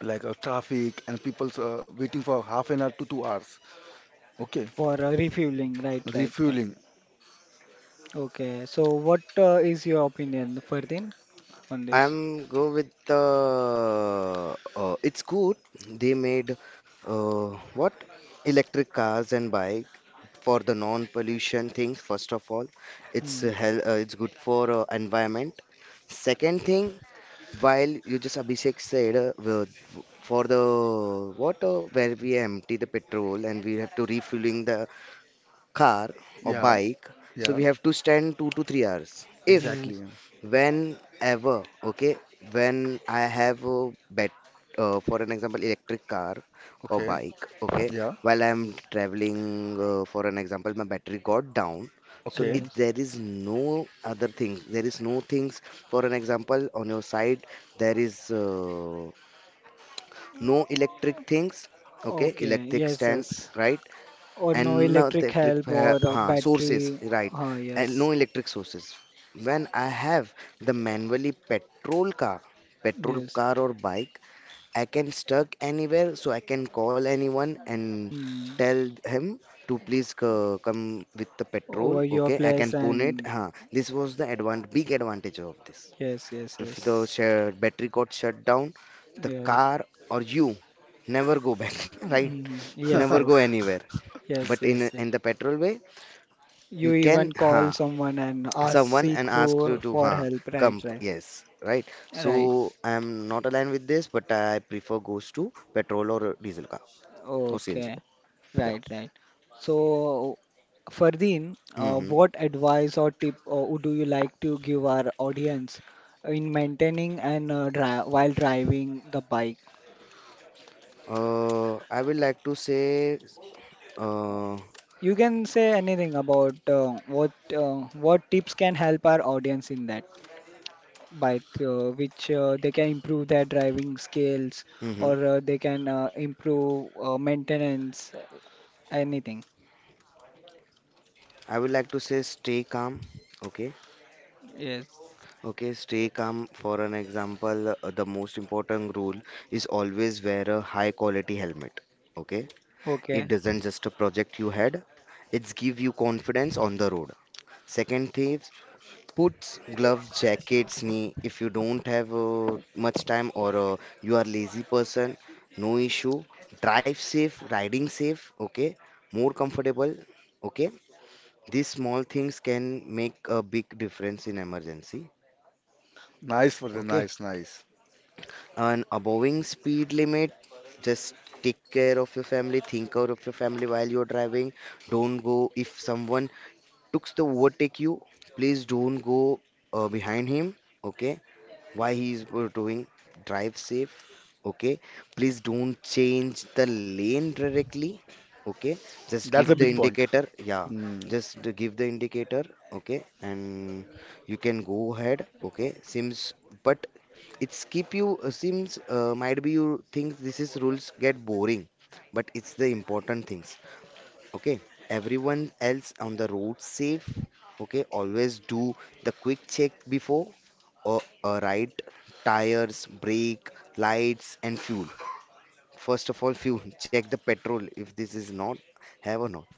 [SPEAKER 2] like a traffic and people's waiting for 1/2 an hour to 2 hours. Okay,
[SPEAKER 1] For refueling, right, right, right.
[SPEAKER 2] refueling.
[SPEAKER 1] Okay. So, what is your opinion, Ferdin, on this?
[SPEAKER 3] I'm go with the it's good they made uh, what electric cars and bike for the non-pollution things. First of all, it's
[SPEAKER 1] Hmm.
[SPEAKER 3] hel it's good for environment. Second thing, while you just Abhishek said, for the water where we empty the petrol and we have to refueling the car or
[SPEAKER 2] Yeah,
[SPEAKER 3] bike, so we
[SPEAKER 2] yeah,
[SPEAKER 3] have to stand 2 to 3 hours. if
[SPEAKER 2] exactly.
[SPEAKER 1] Yes,
[SPEAKER 2] Yeah.
[SPEAKER 3] Whenever, okay, when I have a bet, for an example, electric car or
[SPEAKER 2] Okay.
[SPEAKER 3] bike, okay,
[SPEAKER 2] Yeah.
[SPEAKER 3] while I'm traveling, for an example, my battery got down. So
[SPEAKER 2] Okay.
[SPEAKER 3] if
[SPEAKER 1] yes.
[SPEAKER 3] there is no other thing, there is no things, for an example, on your side, there is no electric things, okay,
[SPEAKER 1] Okay.
[SPEAKER 3] electric
[SPEAKER 1] Yes,
[SPEAKER 3] stand,
[SPEAKER 1] yes.
[SPEAKER 3] right?
[SPEAKER 1] Or no
[SPEAKER 3] And no
[SPEAKER 1] electric
[SPEAKER 3] electric
[SPEAKER 1] help or
[SPEAKER 3] sources,
[SPEAKER 1] battery.
[SPEAKER 3] right?
[SPEAKER 1] Ah,
[SPEAKER 3] And
[SPEAKER 1] yes,
[SPEAKER 3] no electric sources. When I have the manually petrol car, petrol
[SPEAKER 1] yes.
[SPEAKER 3] car or bike, I can stuck anywhere, so I can call anyone and
[SPEAKER 1] Hmm.
[SPEAKER 3] tell him to please come with the petrol.
[SPEAKER 1] Over your
[SPEAKER 3] Okay, I can
[SPEAKER 1] place
[SPEAKER 3] put it.
[SPEAKER 1] and
[SPEAKER 3] Huh. This was the big advantage of this.
[SPEAKER 1] yes, yes,
[SPEAKER 3] If the
[SPEAKER 1] yes,
[SPEAKER 3] share battery got shut down, the
[SPEAKER 1] yes.
[SPEAKER 3] car or you never go back, (laughs) right?
[SPEAKER 1] Hmm. Yes,
[SPEAKER 3] Never
[SPEAKER 2] (laughs)
[SPEAKER 3] go
[SPEAKER 1] yes,
[SPEAKER 3] anywhere. But
[SPEAKER 1] yes,
[SPEAKER 3] in
[SPEAKER 1] yes. yes.
[SPEAKER 3] in the petrol way, you
[SPEAKER 1] You
[SPEAKER 3] can
[SPEAKER 1] even call someone and ask,
[SPEAKER 3] someone
[SPEAKER 1] seek
[SPEAKER 3] and ask you
[SPEAKER 1] for
[SPEAKER 3] to
[SPEAKER 1] for help. Right,
[SPEAKER 3] come.
[SPEAKER 1] right.
[SPEAKER 3] Yes, right. So
[SPEAKER 1] Right.
[SPEAKER 3] I'm not aligned with this, but I prefer goes to petrol or diesel car or CNG.
[SPEAKER 1] Okay,
[SPEAKER 3] Yeah.
[SPEAKER 1] right, right. So, Fardeen,
[SPEAKER 3] Mm-hmm.
[SPEAKER 1] what advice or tip would you like to give our audience in maintaining and dri while driving the bike?
[SPEAKER 3] I would like to say uh,
[SPEAKER 1] You can say anything about what tips can help our audience in that, by which they can improve their driving skills
[SPEAKER 3] mm-hmm.
[SPEAKER 1] or they can improve maintenance, anything.
[SPEAKER 3] I would like to say stay calm. Okay.
[SPEAKER 1] Yes.
[SPEAKER 3] Okay, stay calm. For an example, the most important rule is always wear a high quality helmet. Okay, it
[SPEAKER 1] Okay.
[SPEAKER 3] doesn't just a project you had, it's give you confidence on the road. Second tips, puts gloves, jackets, knee. If you don't have much time or you are lazy person, no issue. Drive safe, riding safe, okay? More comfortable, okay? These small things can make a big difference in emergency,
[SPEAKER 2] Nice for the
[SPEAKER 3] okay?
[SPEAKER 2] nice, nice.
[SPEAKER 3] And aboving speed limit, just take care of your family, think out of your family while you're driving. Don't go if someone looks to overtake you, please don't go behind him. Okay, why he is doing. Drive safe. Okay, please don't change the lane directly. Okay, just
[SPEAKER 2] That's
[SPEAKER 3] give
[SPEAKER 2] a
[SPEAKER 3] the
[SPEAKER 2] big
[SPEAKER 1] Mhm.
[SPEAKER 2] point.
[SPEAKER 3] indicator. Yeah,
[SPEAKER 2] Hmm.
[SPEAKER 3] just to give the indicator. Okay, and you can go ahead. Okay, seems, but it's keep you seems, might be you think this is rules get boring, but it's the important things. Okay, everyone else on the road safe. Okay, always do the quick check before a, a ride: tires, brake, lights, and fuel. First of all fuel, check the petrol, if this is not have or not.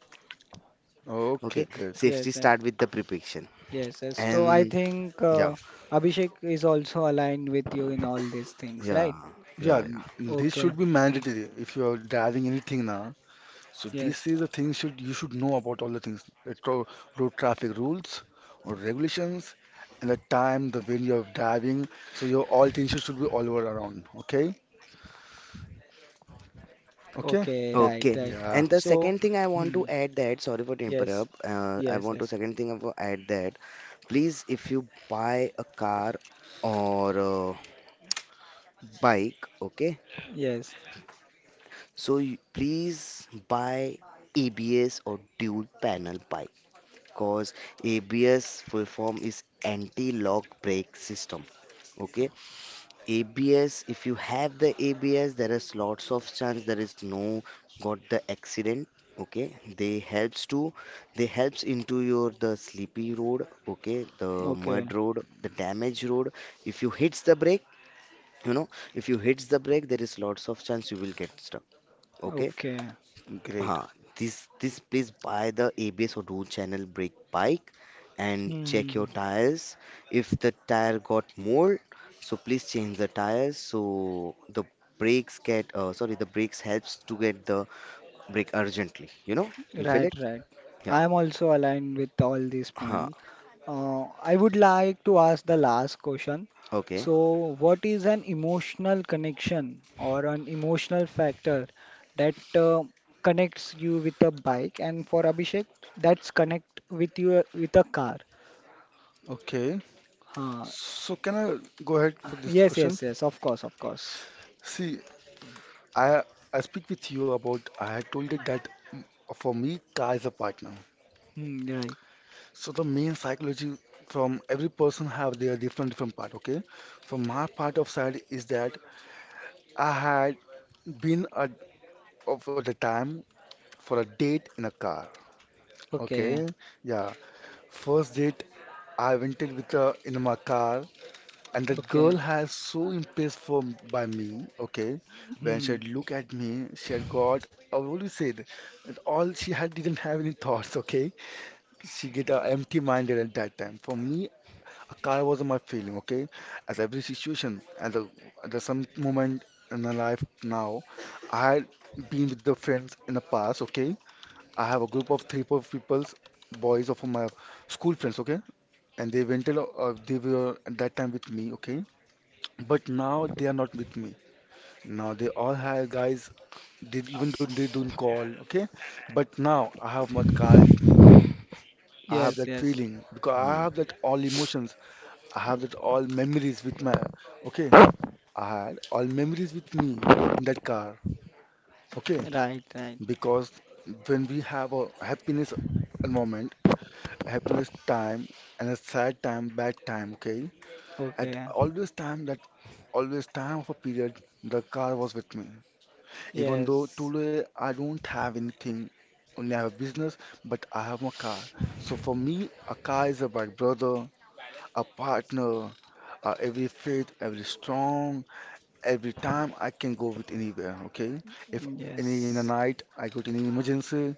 [SPEAKER 2] Okay,
[SPEAKER 3] Okay,
[SPEAKER 2] good.
[SPEAKER 3] safety
[SPEAKER 1] Yes, yes.
[SPEAKER 3] start with the preparation.
[SPEAKER 1] Yes, yes. So I
[SPEAKER 3] And
[SPEAKER 1] think
[SPEAKER 3] yeah
[SPEAKER 1] Abhishek is also aligned with you in all these things,
[SPEAKER 3] yeah
[SPEAKER 1] right?
[SPEAKER 2] Yeah,
[SPEAKER 3] yeah,
[SPEAKER 2] this
[SPEAKER 1] Okay.
[SPEAKER 2] should be mandatory if you're driving anything now. So
[SPEAKER 1] Yes.
[SPEAKER 2] this is the thing should you should know about all the things, road traffic rules or regulations, and the time, the when you're driving. So your all things should be all over around. Okay. Okay.
[SPEAKER 1] Okay. Right.
[SPEAKER 3] okay.
[SPEAKER 1] Right.
[SPEAKER 2] Yeah.
[SPEAKER 3] And the
[SPEAKER 1] So,
[SPEAKER 3] second thing I want
[SPEAKER 1] hmm.
[SPEAKER 3] to add, that sorry for to
[SPEAKER 1] Yes.
[SPEAKER 3] interrupt, I
[SPEAKER 1] Yes.
[SPEAKER 3] want to
[SPEAKER 1] Yes.
[SPEAKER 3] second thing I want to add, that please, if you buy a car or bike, okay,
[SPEAKER 1] Yes.
[SPEAKER 3] so you please buy ABS or dual panel bike, because ABS full form is anti-lock brake system. Okay, ABS, if you have the ABS, there is lots of chance there is no got the accident. Okay, they helps to they helps into your the sleepy road, okay, the
[SPEAKER 1] Okay.
[SPEAKER 3] mud road, the damage road. If you hits the brake, you know, if you hits the brake, there is lots of chance you will get stuck. Okay.
[SPEAKER 1] Okay.
[SPEAKER 2] Great.
[SPEAKER 3] Huh. This, this, please buy the ABS or dual channel brake bike and check your
[SPEAKER 1] Hmm.
[SPEAKER 3] tires. If the tire got mold, so please change the tires. So the brakes helps to get the brake urgently. You know, you feel
[SPEAKER 1] Right,
[SPEAKER 3] it?
[SPEAKER 1] right.
[SPEAKER 3] Yeah.
[SPEAKER 1] I am also aligned with all these
[SPEAKER 3] Huh.
[SPEAKER 1] points. I would like to ask the last question.
[SPEAKER 3] Okay.
[SPEAKER 1] So, what is an emotional connection or an emotional factor that connects you with a bike? And for Abhishek, that's connect with you with a car.
[SPEAKER 2] Okay.
[SPEAKER 1] Huh.
[SPEAKER 2] So can I go ahead for this
[SPEAKER 1] Yes,
[SPEAKER 2] question?
[SPEAKER 1] yes, yes. Of course, of course.
[SPEAKER 2] See, I I speak with you about I had told it that for me car is a partner.
[SPEAKER 1] Hmm, right.
[SPEAKER 2] So the main psychology from every person have their different different part. Okay, from my part of side is that I had been at of the time for a date in a car.
[SPEAKER 1] Okay.
[SPEAKER 2] Okay, yeah, first date I went in with in my car. And that
[SPEAKER 1] Okay.
[SPEAKER 2] girl has so impressed by me, okay? When
[SPEAKER 1] Hmm.
[SPEAKER 2] she'd look at me, she had got, I already said, that all she had didn't have any thoughts, okay? She get empty-minded at that time. For me, a car was my feeling, okay? As every situation, at the some moment in my life now, I had been with the friends in the past, okay? I have a group of 3, 4 people's boys of my school friends, okay? And they went, they were at that time with me, okay? But now they are not with me. Now they all hire guys. They
[SPEAKER 1] Uh.
[SPEAKER 2] even don't they don't call. Okay. But now I have my car with me. I have
[SPEAKER 1] Yes,
[SPEAKER 2] that
[SPEAKER 1] yes.
[SPEAKER 2] feeling because I
[SPEAKER 3] Hmm.
[SPEAKER 2] have that all emotions. I have that all memories with my. Okay. I had all memories with me in that car. Okay.
[SPEAKER 1] Right, right.
[SPEAKER 2] Because when we have a happiness moment, happiness time and a sad time, bad time. Okay. At
[SPEAKER 1] Okay.
[SPEAKER 2] always time that always time of a period, the car was with me. Even though
[SPEAKER 1] Yes.
[SPEAKER 2] today I don't have anything, only I have a business, but I have my car. So for me, a car is a my brother, a partner, every fit, every strong, every time I can go with anywhere. Okay, if any in the
[SPEAKER 1] Yes,
[SPEAKER 2] night I got any emergency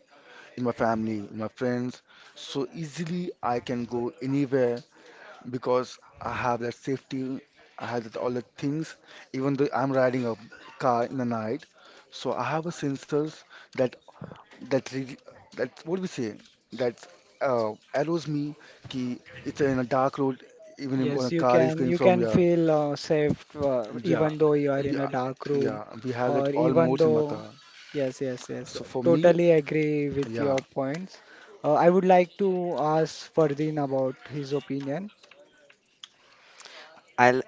[SPEAKER 2] in my family, in my friends, so easily I can go anywhere because I have that safety, I have that all the things, even though I'm riding a car in the night. So I have a sensors that that re that what do we say that arrows me ki it's in a dark road even if when
[SPEAKER 1] yes,
[SPEAKER 2] a car is going
[SPEAKER 1] you
[SPEAKER 2] from
[SPEAKER 1] can
[SPEAKER 2] yeah.
[SPEAKER 1] feel safe
[SPEAKER 2] Yeah,
[SPEAKER 1] even though you are
[SPEAKER 2] we,
[SPEAKER 1] in a dark room
[SPEAKER 2] yeah we have
[SPEAKER 1] or
[SPEAKER 2] that all
[SPEAKER 1] even
[SPEAKER 2] modes in my
[SPEAKER 1] though
[SPEAKER 2] car.
[SPEAKER 1] yes, yes, yes.
[SPEAKER 2] So for me
[SPEAKER 1] Totally agree with
[SPEAKER 2] yeah.
[SPEAKER 1] your points. I would like to ask Fardeen about his opinion.
[SPEAKER 3] I,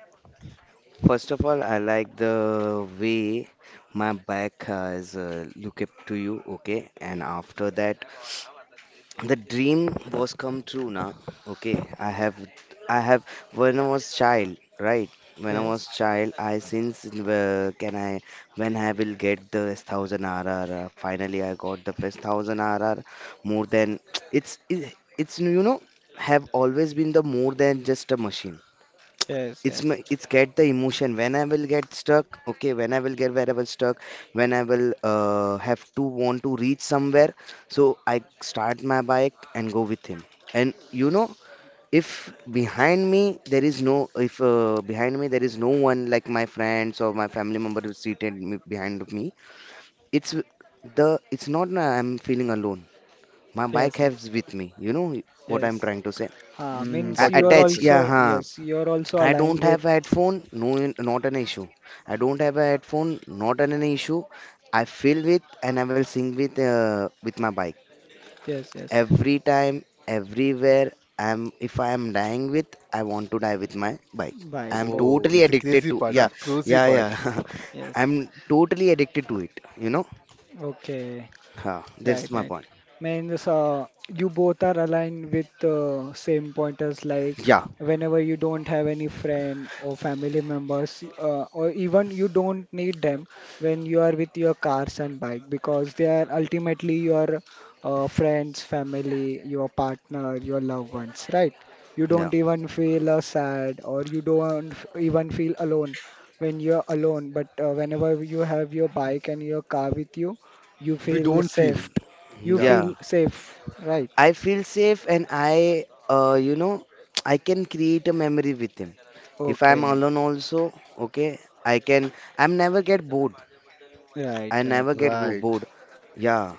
[SPEAKER 3] first of all, I like the way my bike has look up to you. Okay, and after that the dream was come true now. Okay, I have when I was child, right? When I was
[SPEAKER 1] Yes,
[SPEAKER 3] child, I since can I, when I will get the 1000 RR. Finally I got the first 1000 RR. More than (tsk) it's, you know, have always been the more than just a machine.
[SPEAKER 1] yes,
[SPEAKER 3] It's my,
[SPEAKER 1] yes,
[SPEAKER 3] it's get the emotion when I will get stuck. Okay, when I will get wherever stuck, when I will have to want to reach somewhere, so I start my bike and go with him. And you know, if behind me there is no if behind me there is no one like my friends or my family member who's seated me behind me, it's the it's not I'm feeling alone. My bike
[SPEAKER 1] yes, yes,
[SPEAKER 3] has with me, you know what I'm
[SPEAKER 1] yes.
[SPEAKER 3] trying to say.
[SPEAKER 1] Ha,
[SPEAKER 2] Mm,
[SPEAKER 3] I
[SPEAKER 1] means
[SPEAKER 2] got
[SPEAKER 1] you
[SPEAKER 2] it,
[SPEAKER 1] are
[SPEAKER 2] got
[SPEAKER 3] attach,
[SPEAKER 2] it.
[SPEAKER 3] yeah.
[SPEAKER 1] also yes, you are also
[SPEAKER 3] I
[SPEAKER 1] aligned
[SPEAKER 3] don't
[SPEAKER 1] with
[SPEAKER 3] have a headphone, no, not an issue. I don't have a headphone, not an issue. I fill with and I will sing with my bike
[SPEAKER 1] yes, yes.
[SPEAKER 3] every time, everywhere. I'm if I am dying with, I want to die with my bike.
[SPEAKER 1] Bike.
[SPEAKER 3] I'm
[SPEAKER 2] Oh,
[SPEAKER 3] totally
[SPEAKER 1] Okay.
[SPEAKER 2] it's a
[SPEAKER 3] addicted
[SPEAKER 2] crazy
[SPEAKER 3] to,
[SPEAKER 2] part,
[SPEAKER 3] yeah,
[SPEAKER 2] huh? Crazy
[SPEAKER 3] yeah,
[SPEAKER 2] part.
[SPEAKER 3] yeah. (laughs)
[SPEAKER 1] Yes.
[SPEAKER 3] I'm totally addicted to it. You know,
[SPEAKER 1] Okay.
[SPEAKER 3] That's
[SPEAKER 1] Right,
[SPEAKER 3] my
[SPEAKER 1] right.
[SPEAKER 3] point.
[SPEAKER 1] Means you both are aligned with same pointers like
[SPEAKER 3] Yeah,
[SPEAKER 1] whenever you don't have any friend or family members or even you don't need them when you are with your cars and bike because they are ultimately your friends, family, your partner, your loved ones, right? You
[SPEAKER 3] yeah,
[SPEAKER 1] don't even feel sad or you don't even feel alone when you're alone, but whenever you have your bike and your car with you, you
[SPEAKER 2] We
[SPEAKER 1] feel
[SPEAKER 2] don't feel
[SPEAKER 1] safe. You
[SPEAKER 2] yeah
[SPEAKER 3] yeah.
[SPEAKER 1] feel safe, right?
[SPEAKER 3] I feel safe and I, you know, I can create a memory with him. If I'm
[SPEAKER 1] Okay,
[SPEAKER 3] alone also, okay, I'm never get bored.
[SPEAKER 1] right,
[SPEAKER 3] I
[SPEAKER 1] right.
[SPEAKER 3] never
[SPEAKER 2] right.
[SPEAKER 3] bored. Yeah,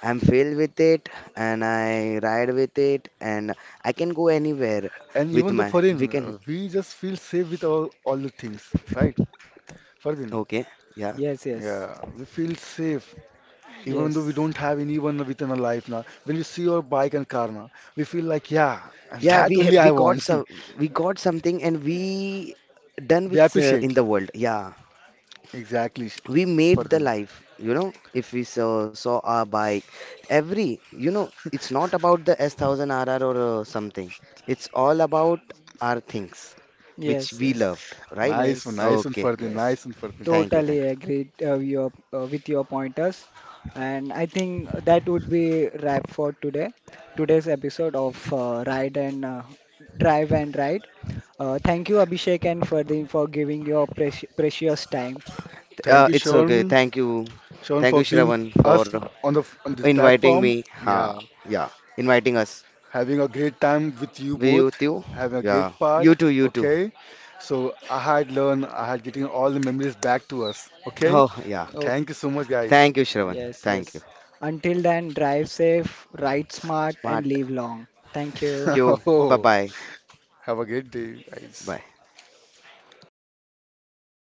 [SPEAKER 3] I'm filled with it, and I ride with it, and I can go anywhere
[SPEAKER 2] And
[SPEAKER 3] with
[SPEAKER 2] even though
[SPEAKER 3] my, we
[SPEAKER 2] foreign,
[SPEAKER 3] can,
[SPEAKER 2] we just feel safe with our all the things, right? Farin,
[SPEAKER 3] okay, yeah.
[SPEAKER 1] Yes, yes,
[SPEAKER 2] yeah, we feel safe even though we
[SPEAKER 1] yes,
[SPEAKER 2] don't have anyone within our life now. When we see your bike and car now, we feel like yeah, (laughs) and
[SPEAKER 3] Yeah,
[SPEAKER 2] that
[SPEAKER 3] we
[SPEAKER 2] only
[SPEAKER 3] have, we
[SPEAKER 2] I
[SPEAKER 3] got
[SPEAKER 2] want.
[SPEAKER 3] some,
[SPEAKER 2] (laughs)
[SPEAKER 3] we got something and we done
[SPEAKER 2] We
[SPEAKER 3] with in
[SPEAKER 2] appreciate
[SPEAKER 3] the world. Yeah,
[SPEAKER 2] exactly,
[SPEAKER 3] we made the
[SPEAKER 2] Farin.
[SPEAKER 3] life, you know, if we saw our bike. Every, you know, it's not about the S1000RR or something. It's all about our things which
[SPEAKER 1] yes,
[SPEAKER 3] we
[SPEAKER 1] yes,
[SPEAKER 3] loved, right?
[SPEAKER 1] yes,
[SPEAKER 2] Nice one,
[SPEAKER 3] Okay,
[SPEAKER 2] Farin.
[SPEAKER 1] yes.
[SPEAKER 2] Nice one, Farin.
[SPEAKER 3] thank you,
[SPEAKER 1] Totally
[SPEAKER 3] thank you.
[SPEAKER 1] agreed with your pointers. And I think that would be wrap for today. Today's episode of Ride and Drive and Ride. Thank you, Abhishek, and Ferdin for giving your precious time.
[SPEAKER 2] Thank you,
[SPEAKER 3] It's okay,
[SPEAKER 2] Sean,
[SPEAKER 3] thank you.
[SPEAKER 2] Sean,
[SPEAKER 3] Thank
[SPEAKER 2] for
[SPEAKER 3] you,
[SPEAKER 2] being
[SPEAKER 3] Shravan, for
[SPEAKER 2] us on the
[SPEAKER 3] inviting me.
[SPEAKER 2] platform.
[SPEAKER 3] Ha
[SPEAKER 2] Yeah,
[SPEAKER 3] Yeah, inviting us.
[SPEAKER 2] having a great time with you
[SPEAKER 3] We
[SPEAKER 2] both,
[SPEAKER 3] you too.
[SPEAKER 2] having a great
[SPEAKER 3] Yeah,
[SPEAKER 2] part.
[SPEAKER 3] you too.
[SPEAKER 2] Okay, so I had learned, I had getting all the memories back to us. Okay,
[SPEAKER 3] Oh yeah.
[SPEAKER 1] Okay.
[SPEAKER 2] thank you so much, guys.
[SPEAKER 3] Thank you, Shravan.
[SPEAKER 1] Yes,
[SPEAKER 3] Thank you.
[SPEAKER 1] yes. Until then, drive safe, ride smart, and
[SPEAKER 3] Smart.
[SPEAKER 1] live long. Thank you.
[SPEAKER 3] You.
[SPEAKER 2] (laughs)
[SPEAKER 3] Bye
[SPEAKER 2] Oh,
[SPEAKER 3] bye.
[SPEAKER 2] have a great day, guys.
[SPEAKER 3] Bye.